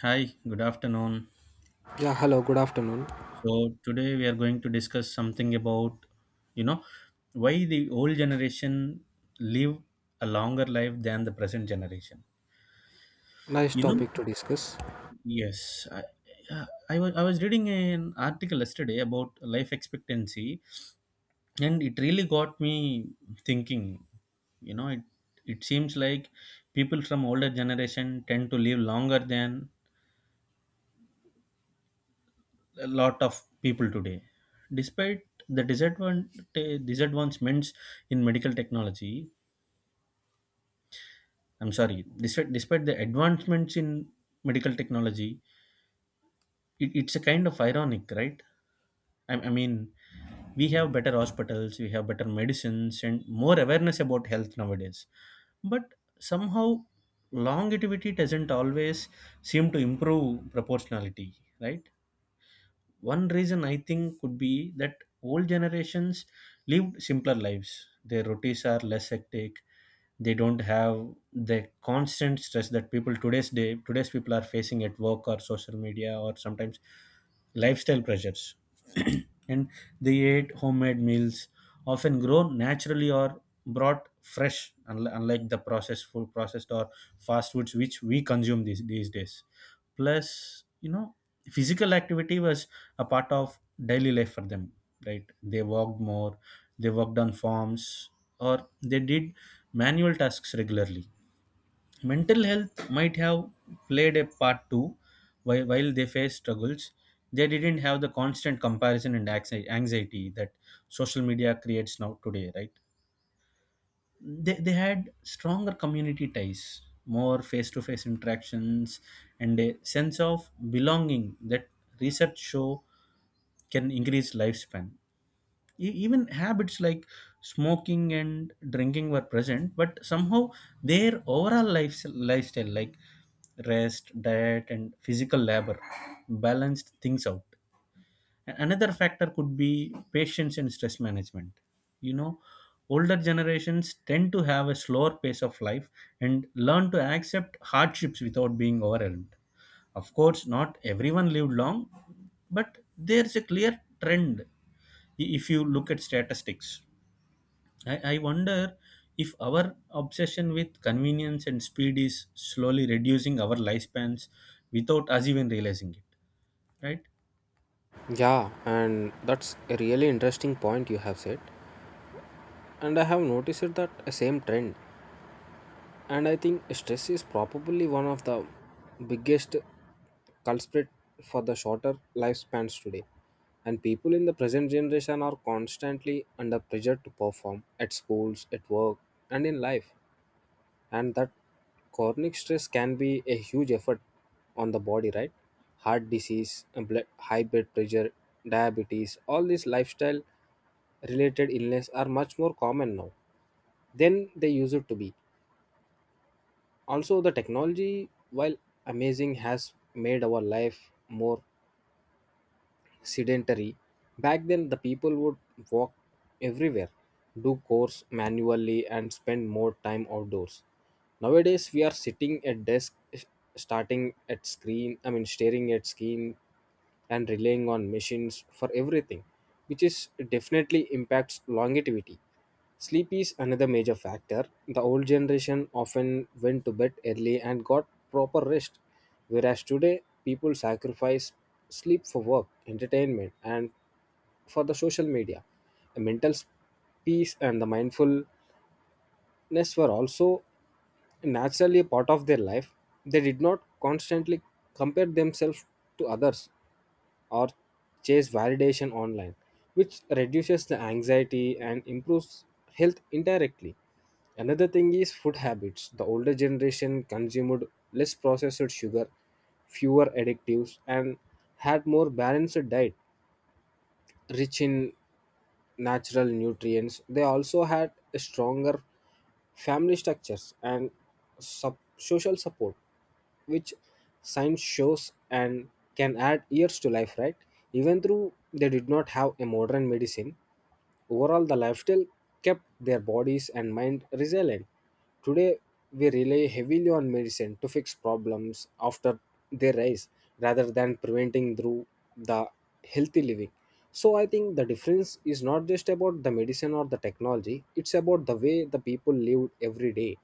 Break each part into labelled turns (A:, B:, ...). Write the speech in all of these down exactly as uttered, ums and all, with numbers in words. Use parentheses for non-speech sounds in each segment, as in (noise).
A: Hi, good afternoon.
B: Yeah, hello, good afternoon.
A: So today we are going to discuss something about, you know, why the old generation live a longer life than the present generation.
B: Nice
A: You know,
B: topic to discuss.
A: yes, I, uh, I was I was reading an article yesterday about life expectancy, and it really got me thinking. You know, it it seems like people from older generation tend to live longer than a lot of people today. Despite the disadvantage, disadvancements in medical technology, I'm sorry, despite, despite the advancements in medical technology, it, it's a kind of ironic, right? I, I mean, we have better hospitals, we have better medicines, and more awareness about health nowadays. But somehow, longevity doesn't always seem to improve proportionality, right? One reason I think could be that old generations lived simpler lives. Their routines are less hectic. They don't have the constant stress that people today's day today's people are facing at work or social media or sometimes lifestyle pressures. (clears throat) and they ate homemade meals, often grown naturally or brought fresh, unli- unlike the processed food processed or fast foods which we consume these, these days. Plus, you know physical activity was a part of daily life for them, right? They walked more, they worked on farms, or they did manual tasks regularly. Mental health might have played a part too. While, while they faced struggles, they didn't have the constant comparison and anxi- anxiety that social media creates now today, right? They, they had stronger community ties, more face-to-face interactions, and a sense of belonging that research show can increase lifespan. E- even habits like smoking and drinking were present, but somehow their overall life, lifestyle, like rest, diet, and physical labor, balanced things out. Another factor could be patience and stress management. You know, older generations tend to have a slower pace of life and learn to accept hardships without being overwhelmed. Of course, not everyone lived long, but there's a clear trend i- if you look at statistics. I, I wonder if our obsession with convenience and speed is slowly reducing our lifespans without us even realizing it, right?
B: Yeah, and that's a really interesting point you have said. And I have noticed it that a same trend. And I think stress is probably one of the biggest culprit for the shorter lifespans today. And people in the present generation are constantly under pressure to perform at schools, at work, and in life. And that chronic stress can be a huge effort on the body, right? Heart disease and blood, high blood pressure, diabetes, all these lifestyle related illness are much more common now than they used to be. Also the technology, while amazing, has made our life more sedentary. Back then the people would walk everywhere, do chores manually, and spend more time outdoors. Nowadays we are sitting at desk, s- starting at screen I mean staring at screen, and relying on machines for everything, which is definitely impacts longevity. Sleep is another major factor. The old generation often went to bed early and got proper rest, whereas today people sacrifice sleep for work, entertainment, and for the social media. The mental s- peace and the mindfulness were also naturally a part of their life. They did not constantly compare themselves to others or chase validation online, which reduces the anxiety and improves health indirectly. Another thing is food habits. The older generation consumed less processed sugar, fewer additives, and had more balanced diet, rich in natural nutrients. They also had a stronger family structures and sub- social support, which science shows and can add years to life, right? Even though they did not have a modern medicine, overall, the lifestyle kept their bodies and mind resilient. Today, we rely heavily on medicine to fix problems after they rise rather than preventing through the healthy living. So, I think the difference is not just about the medicine or the technology, it's about the way the people lived every day.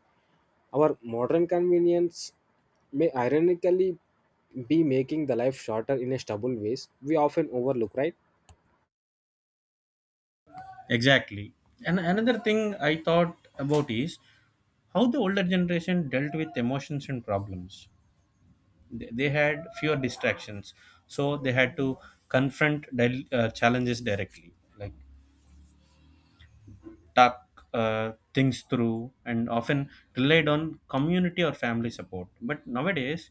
B: Our modern convenience may ironically be making the life shorter in a stubble ways we often overlook, right?
A: Exactly. And another thing I thought about is how the older generation dealt with emotions and problems. They they had fewer distractions, so they had to confront del- uh, challenges directly, like talk uh, things through, and often relied on community or family support. But nowadays,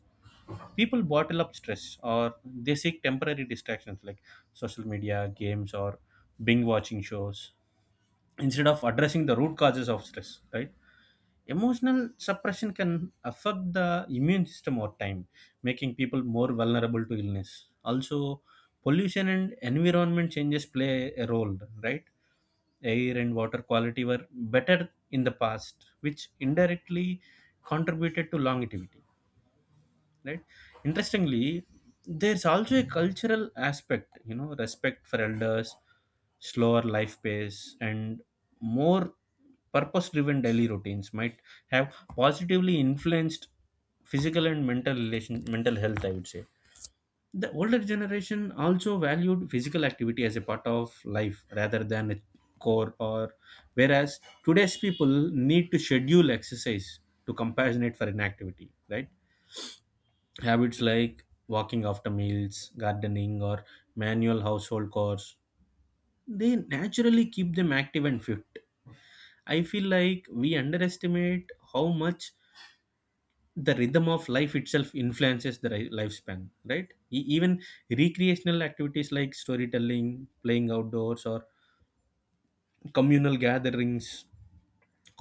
A: people bottle up stress or they seek temporary distractions like social media, games, or binge watching shows instead of addressing the root causes of stress, right? Emotional suppression can affect the immune system over time, making people more vulnerable to illness. Also, pollution and environment changes play a role, right? Air and water quality were better in the past, which indirectly contributed to longevity, right? Interestingly, there's also a cultural aspect. You know respect for elders, slower life pace, and more purpose driven daily routines might have positively influenced physical and mental relation mental health, I would say. The older generation also valued physical activity as a part of life rather than a core, or whereas today's people need to schedule exercise to compensate for inactivity, right? Habits like walking after meals, gardening, or manual household chores, they naturally keep them active and fit. I feel like we underestimate how much the rhythm of life itself influences the ri- lifespan, right? E- even recreational activities like storytelling, playing outdoors, or communal gatherings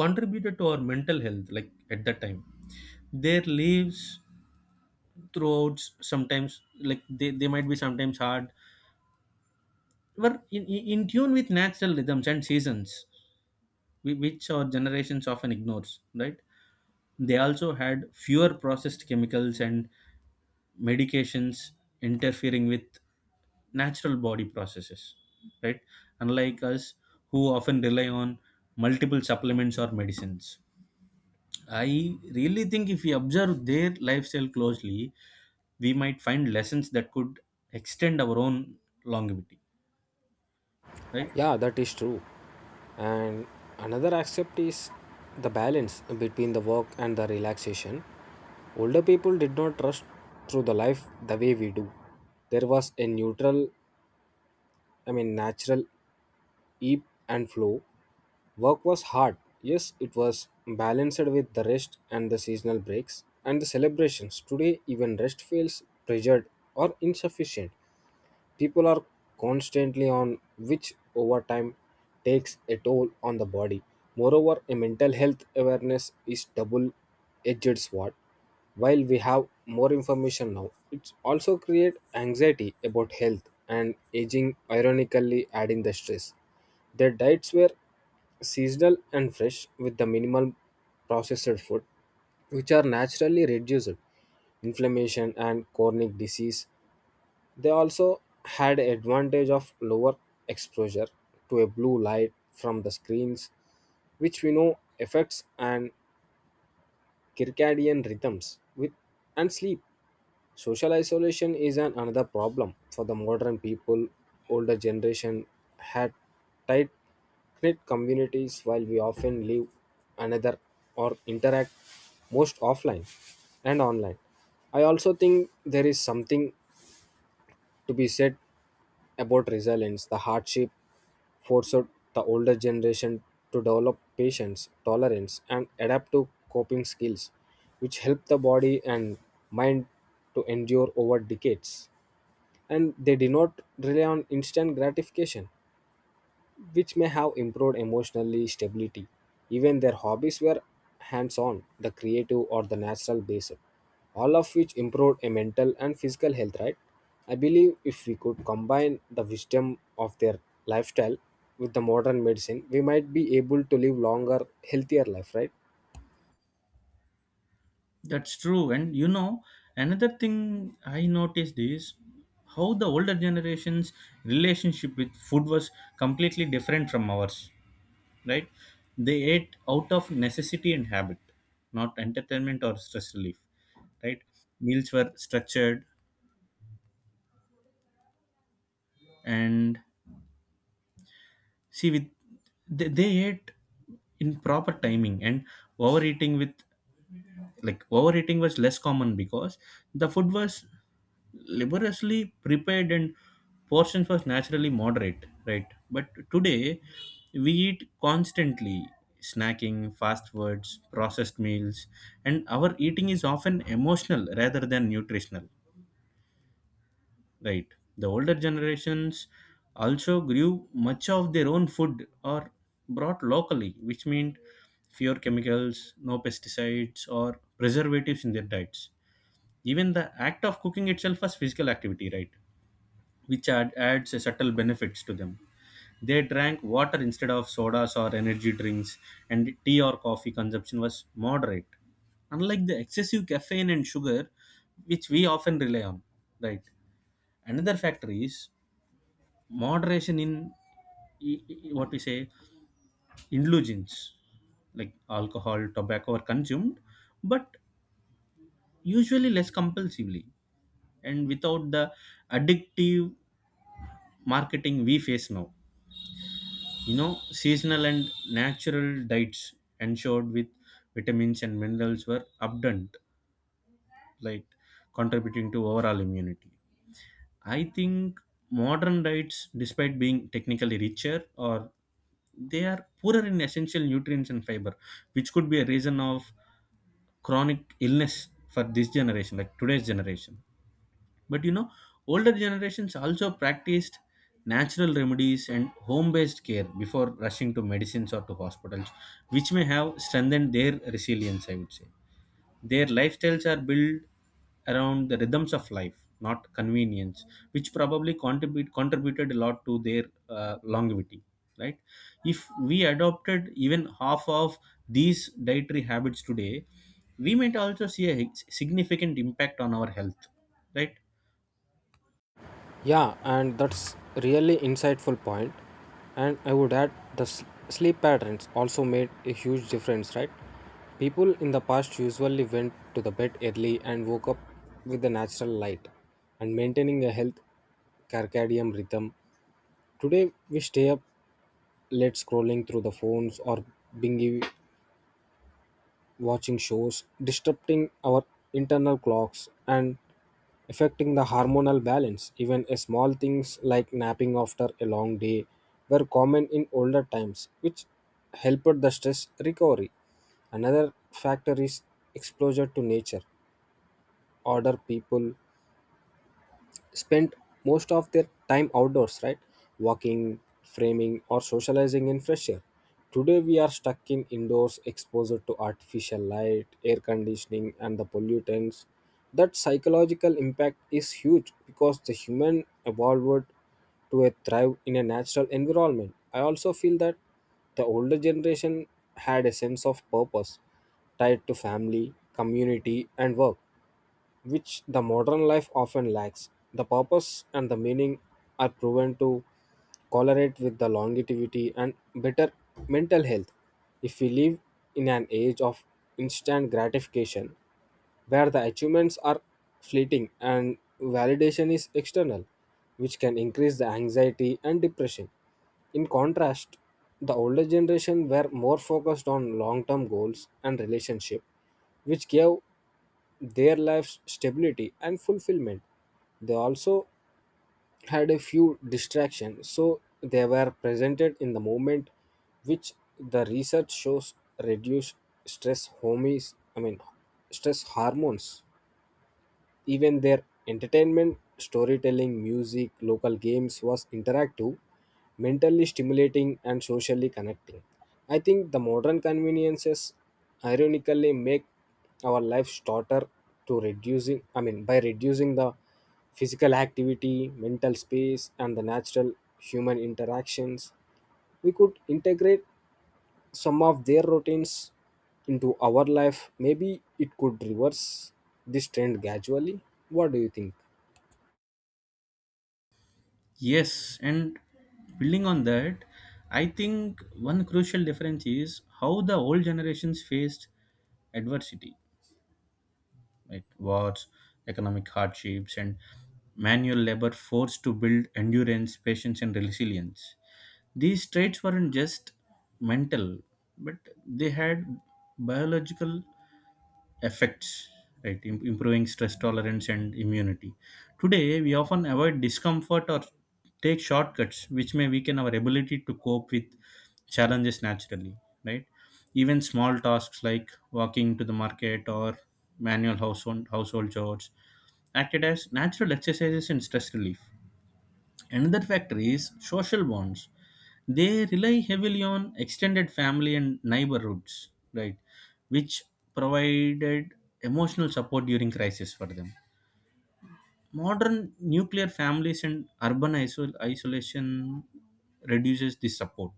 A: contributed to our mental health, like at that time. Their lives throughout, sometimes like they, they might be sometimes hard, were in, in in tune with natural rhythms and seasons, whi- which our generations often ignores, right? They also had fewer processed chemicals and medications interfering with natural body processes, right? Unlike us, who often rely on multiple supplements or medicines. I really think if we observe their lifestyle closely, we might find lessons that could extend our own longevity, right?
B: Yeah, that is true. And another aspect is the balance between the work and the relaxation. Older people did not rush through the life the way we do. There was a neutral I mean natural ebb and flow. Work was hard, yes, it was balanced with the rest and the seasonal breaks and the celebrations. Today even rest feels pressured or insufficient. People are constantly on, which over time takes a toll on the body. Moreover, a mental health awareness is double edged sword. While we have more information now, it also creates anxiety about health and aging, ironically adding the stress. Their diets were seasonal and fresh with the minimal processed food, which are naturally reduced inflammation and chronic disease. They also had advantage of lower exposure to a blue light from the screens, which we know affects and circadian rhythms with and sleep. Social isolation is an another problem for the modern people. Older generation had tight knit communities, while we often live another or interact most offline and online. I also think there is something to be said about resilience. The hardship forced the older generation to develop patience, tolerance, and adapt to coping skills, which help the body and mind to endure over decades. And they did not rely on instant gratification, which may have improved emotionally stability. Even their hobbies were hands on, the creative or the natural based, all of which improved a mental and physical health, right? I believe if we could combine the wisdom of their lifestyle with the modern medicine, we might be able to live longer, healthier life, right?
A: That's true. And you know, another thing I noticed is how the older generations' relationship with food was completely different from ours, right? They ate out of necessity and habit, not entertainment or stress relief, right? Meals were structured, and see with they, they ate in proper timing, and overeating with like overeating was less common because the food was laboriously prepared and portions was naturally moderate, right? But today, we eat constantly, snacking fast foods, processed meals, and our eating is often emotional rather than nutritional, right? The older generations also grew much of their own food or brought locally, which meant fewer chemicals, no pesticides or preservatives in their diets. Even the act of cooking itself was physical activity, right? Which add, adds a subtle benefits to them. They drank water instead of sodas or energy drinks, and tea or coffee consumption was moderate, unlike the excessive caffeine and sugar which we often rely on, right? Another factor is moderation in i- i- what we say indulgence, like alcohol, tobacco are consumed, but usually less compulsively and without the addictive marketing we face now. You know, seasonal and natural diets ensured with vitamins and minerals were abundant, like contributing to overall immunity. I think modern diets, despite being technically richer, or they are poorer in essential nutrients and fiber, which could be a reason of chronic illness for this generation, like today's generation. But you know, older generations also practiced natural remedies and home based care before rushing to medicines or to hospitals, which may have strengthened their resilience, I would say. Their lifestyles are built around the rhythms of life, not convenience, which probably contribute, contributed a lot to their uh, longevity. Right? If we adopted even half of these dietary habits today, we might also see a sig- significant impact on our health, right?
B: Yeah, and that's really insightful point. And I would add the s- sleep patterns also made a huge difference, right? People in the past usually went to the bed early and woke up with the natural light and maintaining a health circadian rhythm. Today we stay up late scrolling through the phones or binge watching shows, disrupting our internal clocks, and affecting the hormonal balance. Even a small things like napping after a long day were common in older times, which helped the stress recovery. Another factor is exposure to nature. Older people spent most of their time outdoors, right? Walking, framing, or socializing in fresh air. Today, we are stuck in indoors, exposed to artificial light, air conditioning, and the pollutants. That psychological impact is huge because the human evolved to a thrive in a natural environment. I also feel that the older generation had a sense of purpose tied to family, community, and work, which the modern life often lacks. The purpose and the meaning are proven to correlate with the longevity and better mental health. If we live in an age of instant gratification, where the achievements are fleeting and validation is external, which can increase the anxiety and depression. In contrast, the older generation were more focused on long term goals and relationship, which gave their life's stability and fulfillment. They also had a few distractions, so they were presented in the moment, which the research shows reduce stress homies, I mean stress hormones. Even their entertainment, storytelling, music, local games was interactive, mentally stimulating, and socially connecting. I think the modern conveniences ironically make our life shorter to reducing I mean by reducing the physical activity, mental space, and the natural human interactions. We could integrate some of their routines into our life. Maybe it could reverse this trend gradually. What do you think?
A: Yes, and building on that, I think one crucial difference is how the old generations faced adversity, right? Wars, economic hardships, and manual labor forced to build endurance, patience, and resilience. These traits weren't just mental, but they had biological effects, right? Im- improving stress tolerance and immunity, today we often avoid discomfort or take shortcuts, which may weaken our ability to cope with challenges naturally, right? Even small tasks like walking to the market or manual household household chores acted as natural exercises in stress relief. Another factor is social bonds. They rely heavily on extended family and neighborhoods, right, which provided emotional support during crisis for them. Modern nuclear families and urban isol- isolation reduces this support,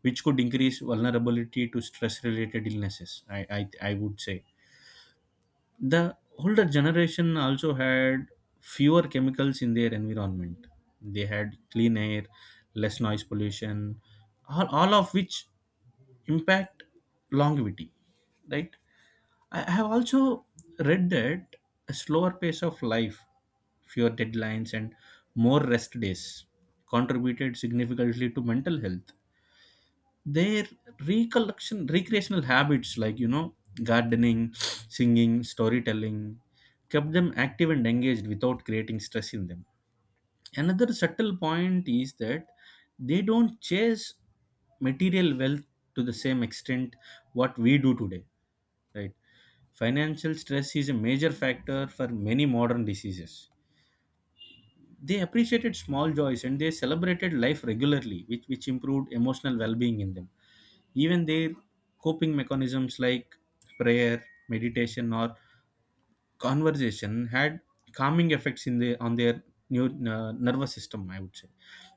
A: which could increase vulnerability to stress related illnesses, I, I, I would say. The older generation also had fewer chemicals in their environment. They had clean air, less noise pollution, all, all of which impact longevity, right? I I have also read that a slower pace of life, fewer deadlines, and more rest days contributed significantly to mental health. Their recollection recreational habits, like you know gardening, singing, storytelling, kept them active and engaged without creating stress in them. Another subtle point is that they don't chase material wealth to the same extent what we do today, right? Financial stress is a major factor for many modern diseases. They appreciated small joys and they celebrated life regularly, which, which improved emotional well-being in them. Even their coping mechanisms like prayer, meditation, or conversation had calming effects in the on their new uh, nervous system, I would say.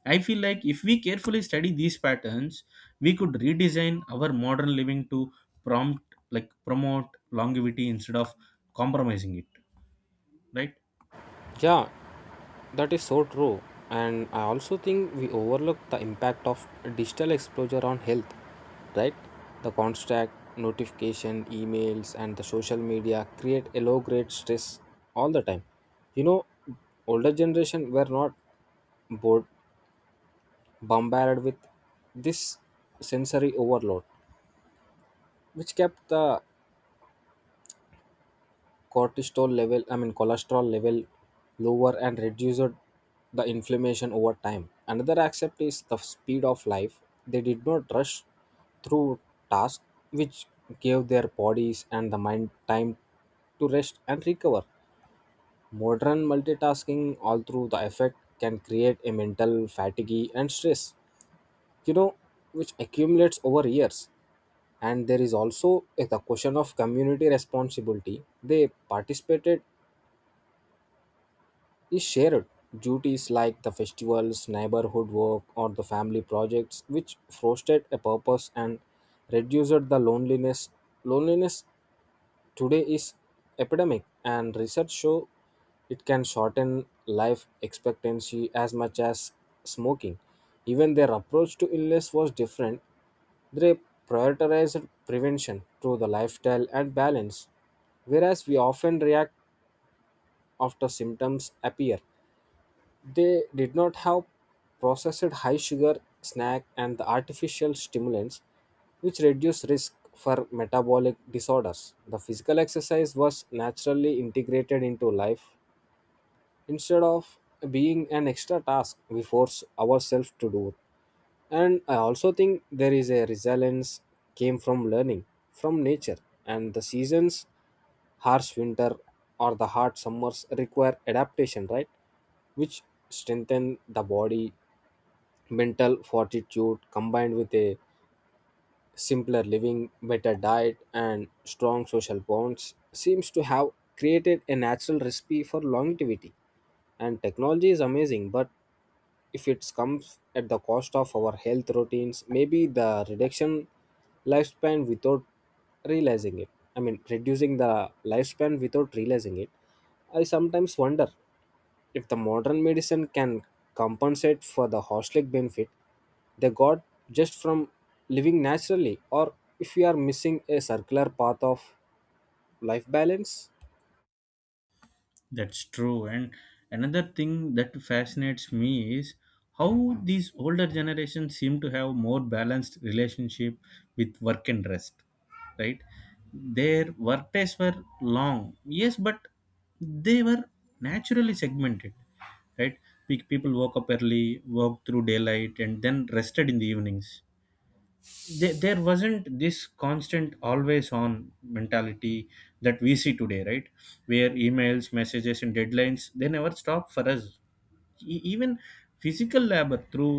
A: I feel like if we carefully study these patterns, we could redesign our modern living to prompt like promote longevity instead of compromising it. Right?
B: Yeah, that is so true. And I also think we overlook the impact of digital exposure on health, right? The constant notification, emails, and the social media create a low grade stress all the time. You know, older generation were not bored, bombarded with this sensory overload, which kept the cortisol level, I mean cholesterol level lower and reduced the inflammation over time. Another aspect is the speed of life. They did not rush through tasks, which gave their bodies and the mind time to rest and recover. Modern multitasking all through the effect can create a mental fatigue and stress, you know, which accumulates over years. And there is also a- the question of community responsibility. They participated is shared duties like the festivals, neighborhood work, or the family projects, which fostered a purpose and reduced the loneliness. Loneliness today is epidemic and research show it can shorten life expectancy as much as smoking. Even their approach to illness was different. They prioritized prevention through the lifestyle and balance, whereas we often react after symptoms appear. They did not have processed high sugar snack and the artificial stimulants, which reduce risk for metabolic disorders. The physical exercise was naturally integrated into life instead of being an extra task, we force ourselves to do it. And I also think there is a resilience came from learning from nature and the seasons. Harsh winter or the hard summers require adaptation, right? Which strengthen the body, mental fortitude combined with a simpler living, better diet, and strong social bonds seems to have created a natural recipe for longevity. And technology is amazing, but if it comes at the cost of our health routines, maybe the reduction lifespan without realizing it. I mean, reducing the lifespan without realizing it. I sometimes wonder if the modern medicine can compensate for the holistic benefit they got just from living naturally, or if we are missing a circular path of life balance.
A: That's true. And another thing that fascinates me is how these older generations seem to have more balanced relationship with work and rest, right? Their work days were long, yes, but they were naturally segmented, right? Pe- People woke up early, worked through daylight, and then rested in the evenings. There, there wasn't this constant always on mentality that we see today, right? Where emails, messages, and deadlines, they never stop for us. E- even physical labor, through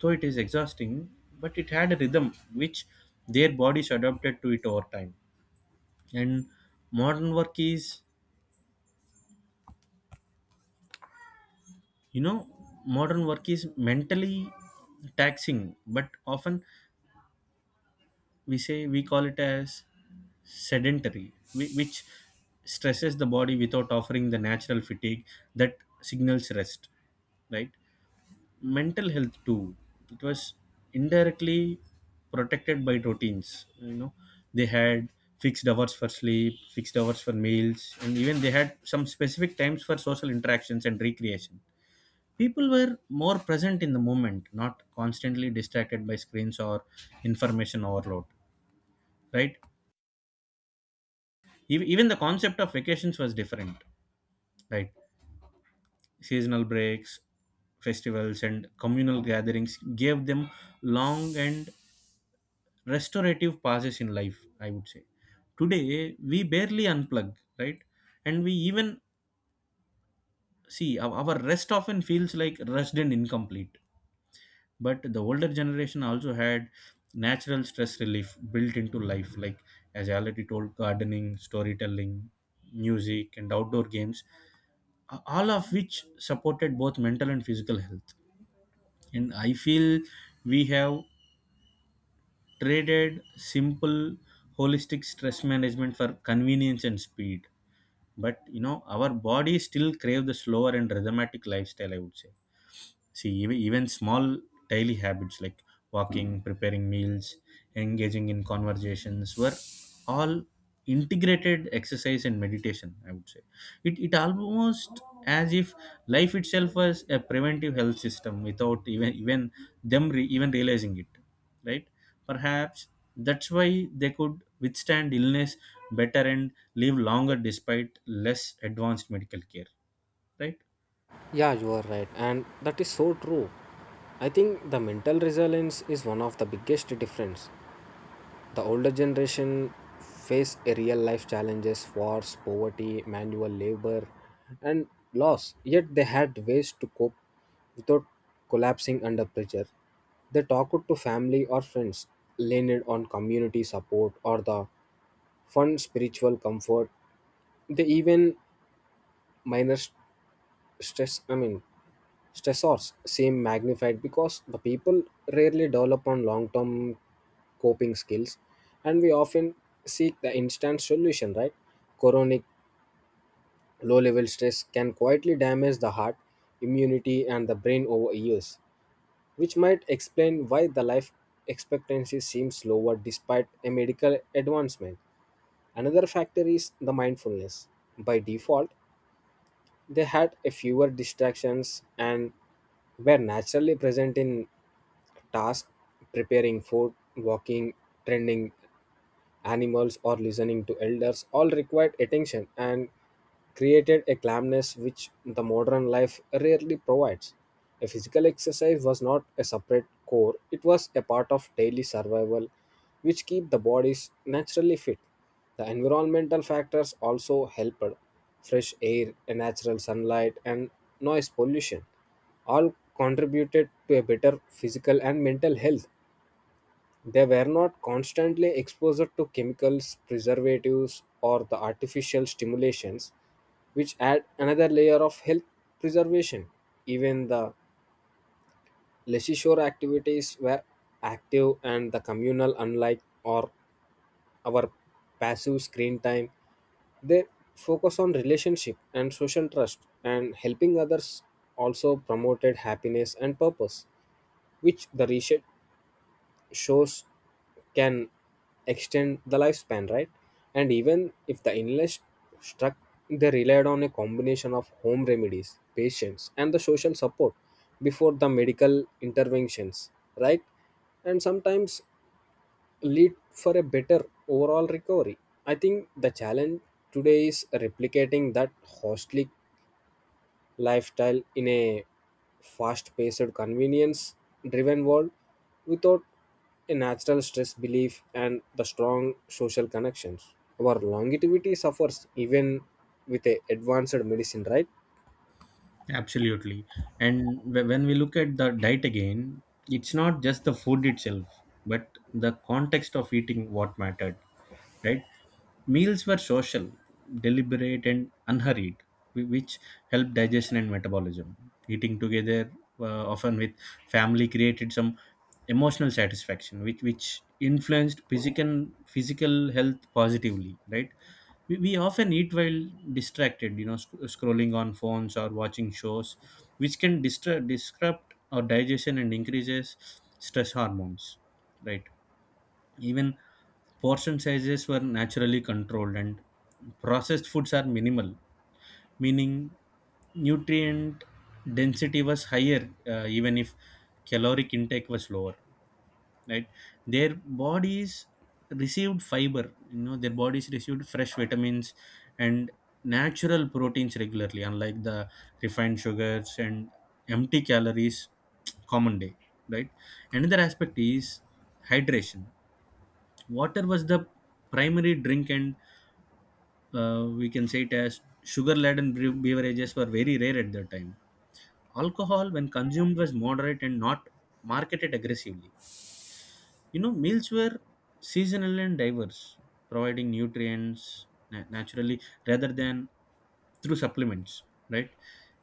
A: though it is exhausting, but it had a rhythm which their bodies adapted to it over time. And modern work is, you know modern work is mentally taxing, but often we say we call it as sedentary, whi- which stresses the body without offering the natural fatigue that signals rest, right? Mental health, too, it was indirectly protected by routines. You know, they had fixed hours for sleep, fixed hours for meals, and even they had some specific times for social interactions and recreation. People were more present in the moment, not constantly distracted by screens or information overload, right? Ev- Even the concept of vacations was different, right? Seasonal breaks, festivals, and communal gatherings gave them long and restorative pauses in life, I would say. Today, we barely unplug, right? And we even see our our rest often feels like rushed and incomplete. But the older generation also had natural stress relief built into life, like as I already told, gardening, storytelling, music, and outdoor games, a- all of which supported both mental and physical health. And I feel we have traded simple holistic stress management for convenience and speed. But you know, our bodies still crave the slower and rhythmatic lifestyle, I would say. See, even, even small daily habits like walking, preparing meals, engaging in conversations were all integrated exercise and meditation, I would say. It, it almost as if life itself was a preventive health system without even, even them re, even realizing it, right? Perhaps that's why they could withstand illness better and live longer despite less advanced medical care, right?
B: Yeah, you are right, and that is so true. I think the mental resilience is one of the biggest difference. The older generation face real life challenges, wars, poverty, manual labor, and loss. Yet they had ways to cope without collapsing under pressure. They talked to family or friends, leaned on community support or the fund spiritual comfort. They even minor stress I mean stressors seem magnified because the people rarely develop on long term coping skills and we often seek the instant solution, right? Chronic low level stress can quietly damage the heart, immunity, and the brain over years, which might explain why the life expectancy seems lower despite a medical advancement. Another factor is the mindfulness by default. They had a fewer distractions and were naturally present in tasks, preparing food, walking, trending animals or listening to elders all required attention and created a calmness which the modern life rarely provides. A physical exercise was not a separate core, it was a part of daily survival which keep the bodies naturally fit. The environmental factors also helped. Fresh air, a natural sunlight and noise pollution all contributed to a better physical and mental health. They were not constantly exposed to chemicals, preservatives, or the artificial stimulations, which add another layer of health preservation. Even the leisure activities were active and the communal, unlike or our passive screen time. They focus on relationship and social trust and helping others also promoted happiness and purpose, which the research shows can extend the lifespan, right? And even if the illness struck, they relied on a combination of home remedies, patience, and the social support before the medical interventions, right? And sometimes lead for a better overall recovery. I think the challenge today is replicating that costly lifestyle in a fast paced, convenience driven world. Without a natural stress belief and the strong social connections, our longevity suffers even with a advanced medicine, right?
A: Absolutely. And wh- when we look at the diet again, it's not just the food itself, but the context of eating what mattered, right? Meals were social, deliberate, and unhurried, whi- which helped digestion and metabolism. Eating together, uh, often with family, created some emotional satisfaction, which which influenced physical physical health positively. Right? We, we often eat while distracted, you know, sc- scrolling on phones or watching shows, which can distra- disrupt our digestion and increases stress hormones. Right? Even portion sizes were naturally controlled, and processed foods are minimal, meaning nutrient density was higher, uh, even if caloric intake was lower. Right, their bodies received fiber. You know, their bodies received fresh vitamins and natural proteins regularly, unlike the refined sugars and empty calories common day. Right. Another aspect is hydration. Water was the primary drink, and uh, we can say it as sugar laden beverages were very rare at that time. Alcohol when consumed was moderate and not marketed aggressively. You know, meals were seasonal and diverse, providing nutrients na- naturally rather than through supplements, right?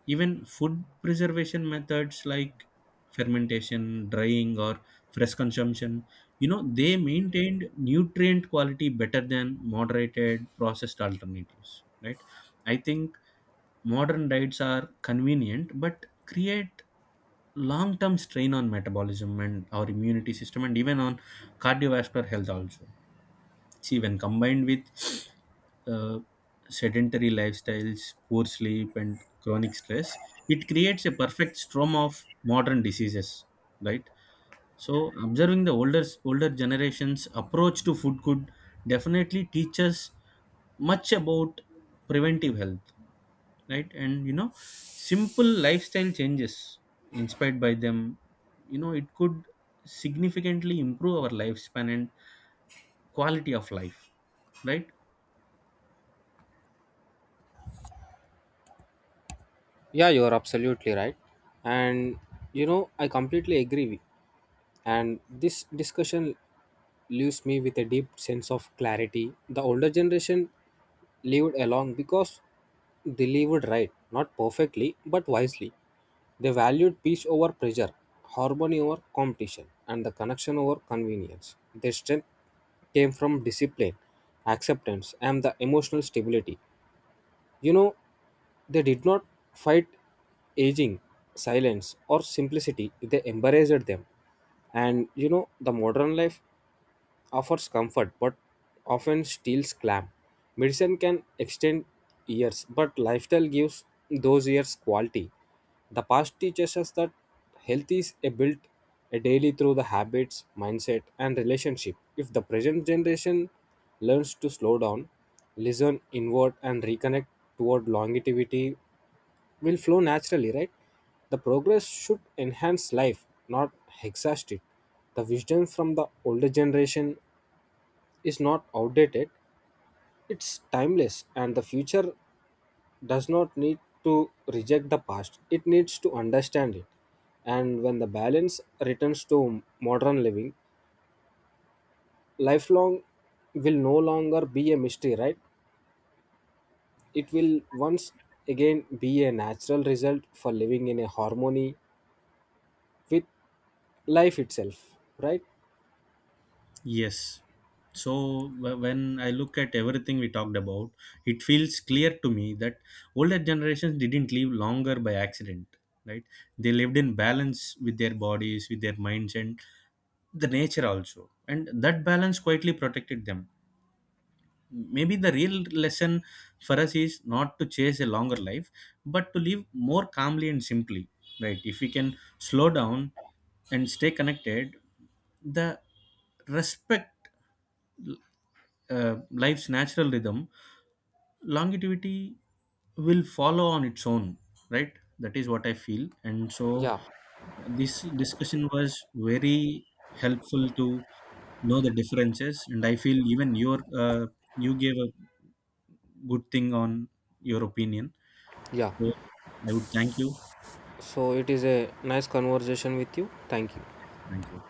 A: Even food preservation methods like fermentation, drying, or fresh consumption, you know, they maintained nutrient quality better than moderated processed alternatives, right? I think modern diets are convenient but create long-term strain on metabolism and our immunity system and even on cardiovascular health also. See, when combined with uh, sedentary lifestyles, poor sleep, and chronic stress, it creates a perfect storm of modern diseases, right? So observing the older older generations approach to food could definitely teach us much about preventive health, right? And you know, simple lifestyle changes inspired by them, you know, it could significantly improve our lifespan and quality of life, right?
B: Yeah, you're absolutely right. And you know, I completely agree. And this discussion leaves me with a deep sense of clarity. The older generation lived along because they lived right, not perfectly but wisely. They valued peace over pressure, harmony over competition, and the connection over convenience. Their strength came from discipline, acceptance, and the emotional stability. You know, they did not fight aging, silence, or simplicity, they embraced them. And you know, the modern life offers comfort but often steals clam. Medicine can extend years, but lifestyle gives those years quality. The past teaches us that health is a built a daily through the habits, mindset, and relationship. If the present generation learns to slow down, listen inward, and reconnect toward longevity, will flow naturally, right? The progress should enhance life, not exhaust it. The wisdom from the older generation is not outdated, it's timeless, and the future does not need to reject the past, it needs to understand it. And when the balance returns to modern living, lifelong will no longer be a mystery, right? It will once again be a natural result for living in a harmony with life itself, right?
A: Yes. So wh- when I look at everything we talked about, it feels clear to me that older generations didn't live longer by accident, right? They lived in balance with their bodies, with their minds, and the nature also, and that balance quietly protected them. Maybe the real lesson for us is not to chase a longer life, but to live more calmly and simply, right? If we can slow down and stay connected, the respect uh, life's natural rhythm, longevity will follow on its own, right? That is what I feel. And so
B: Yeah,
A: this discussion was very helpful to know the differences, and I feel even your uh, you gave a good thing on your opinion.
B: yeah.
A: So I would thank you. Yes,
B: So it is a nice conversation with you. Thank you.
A: thank you.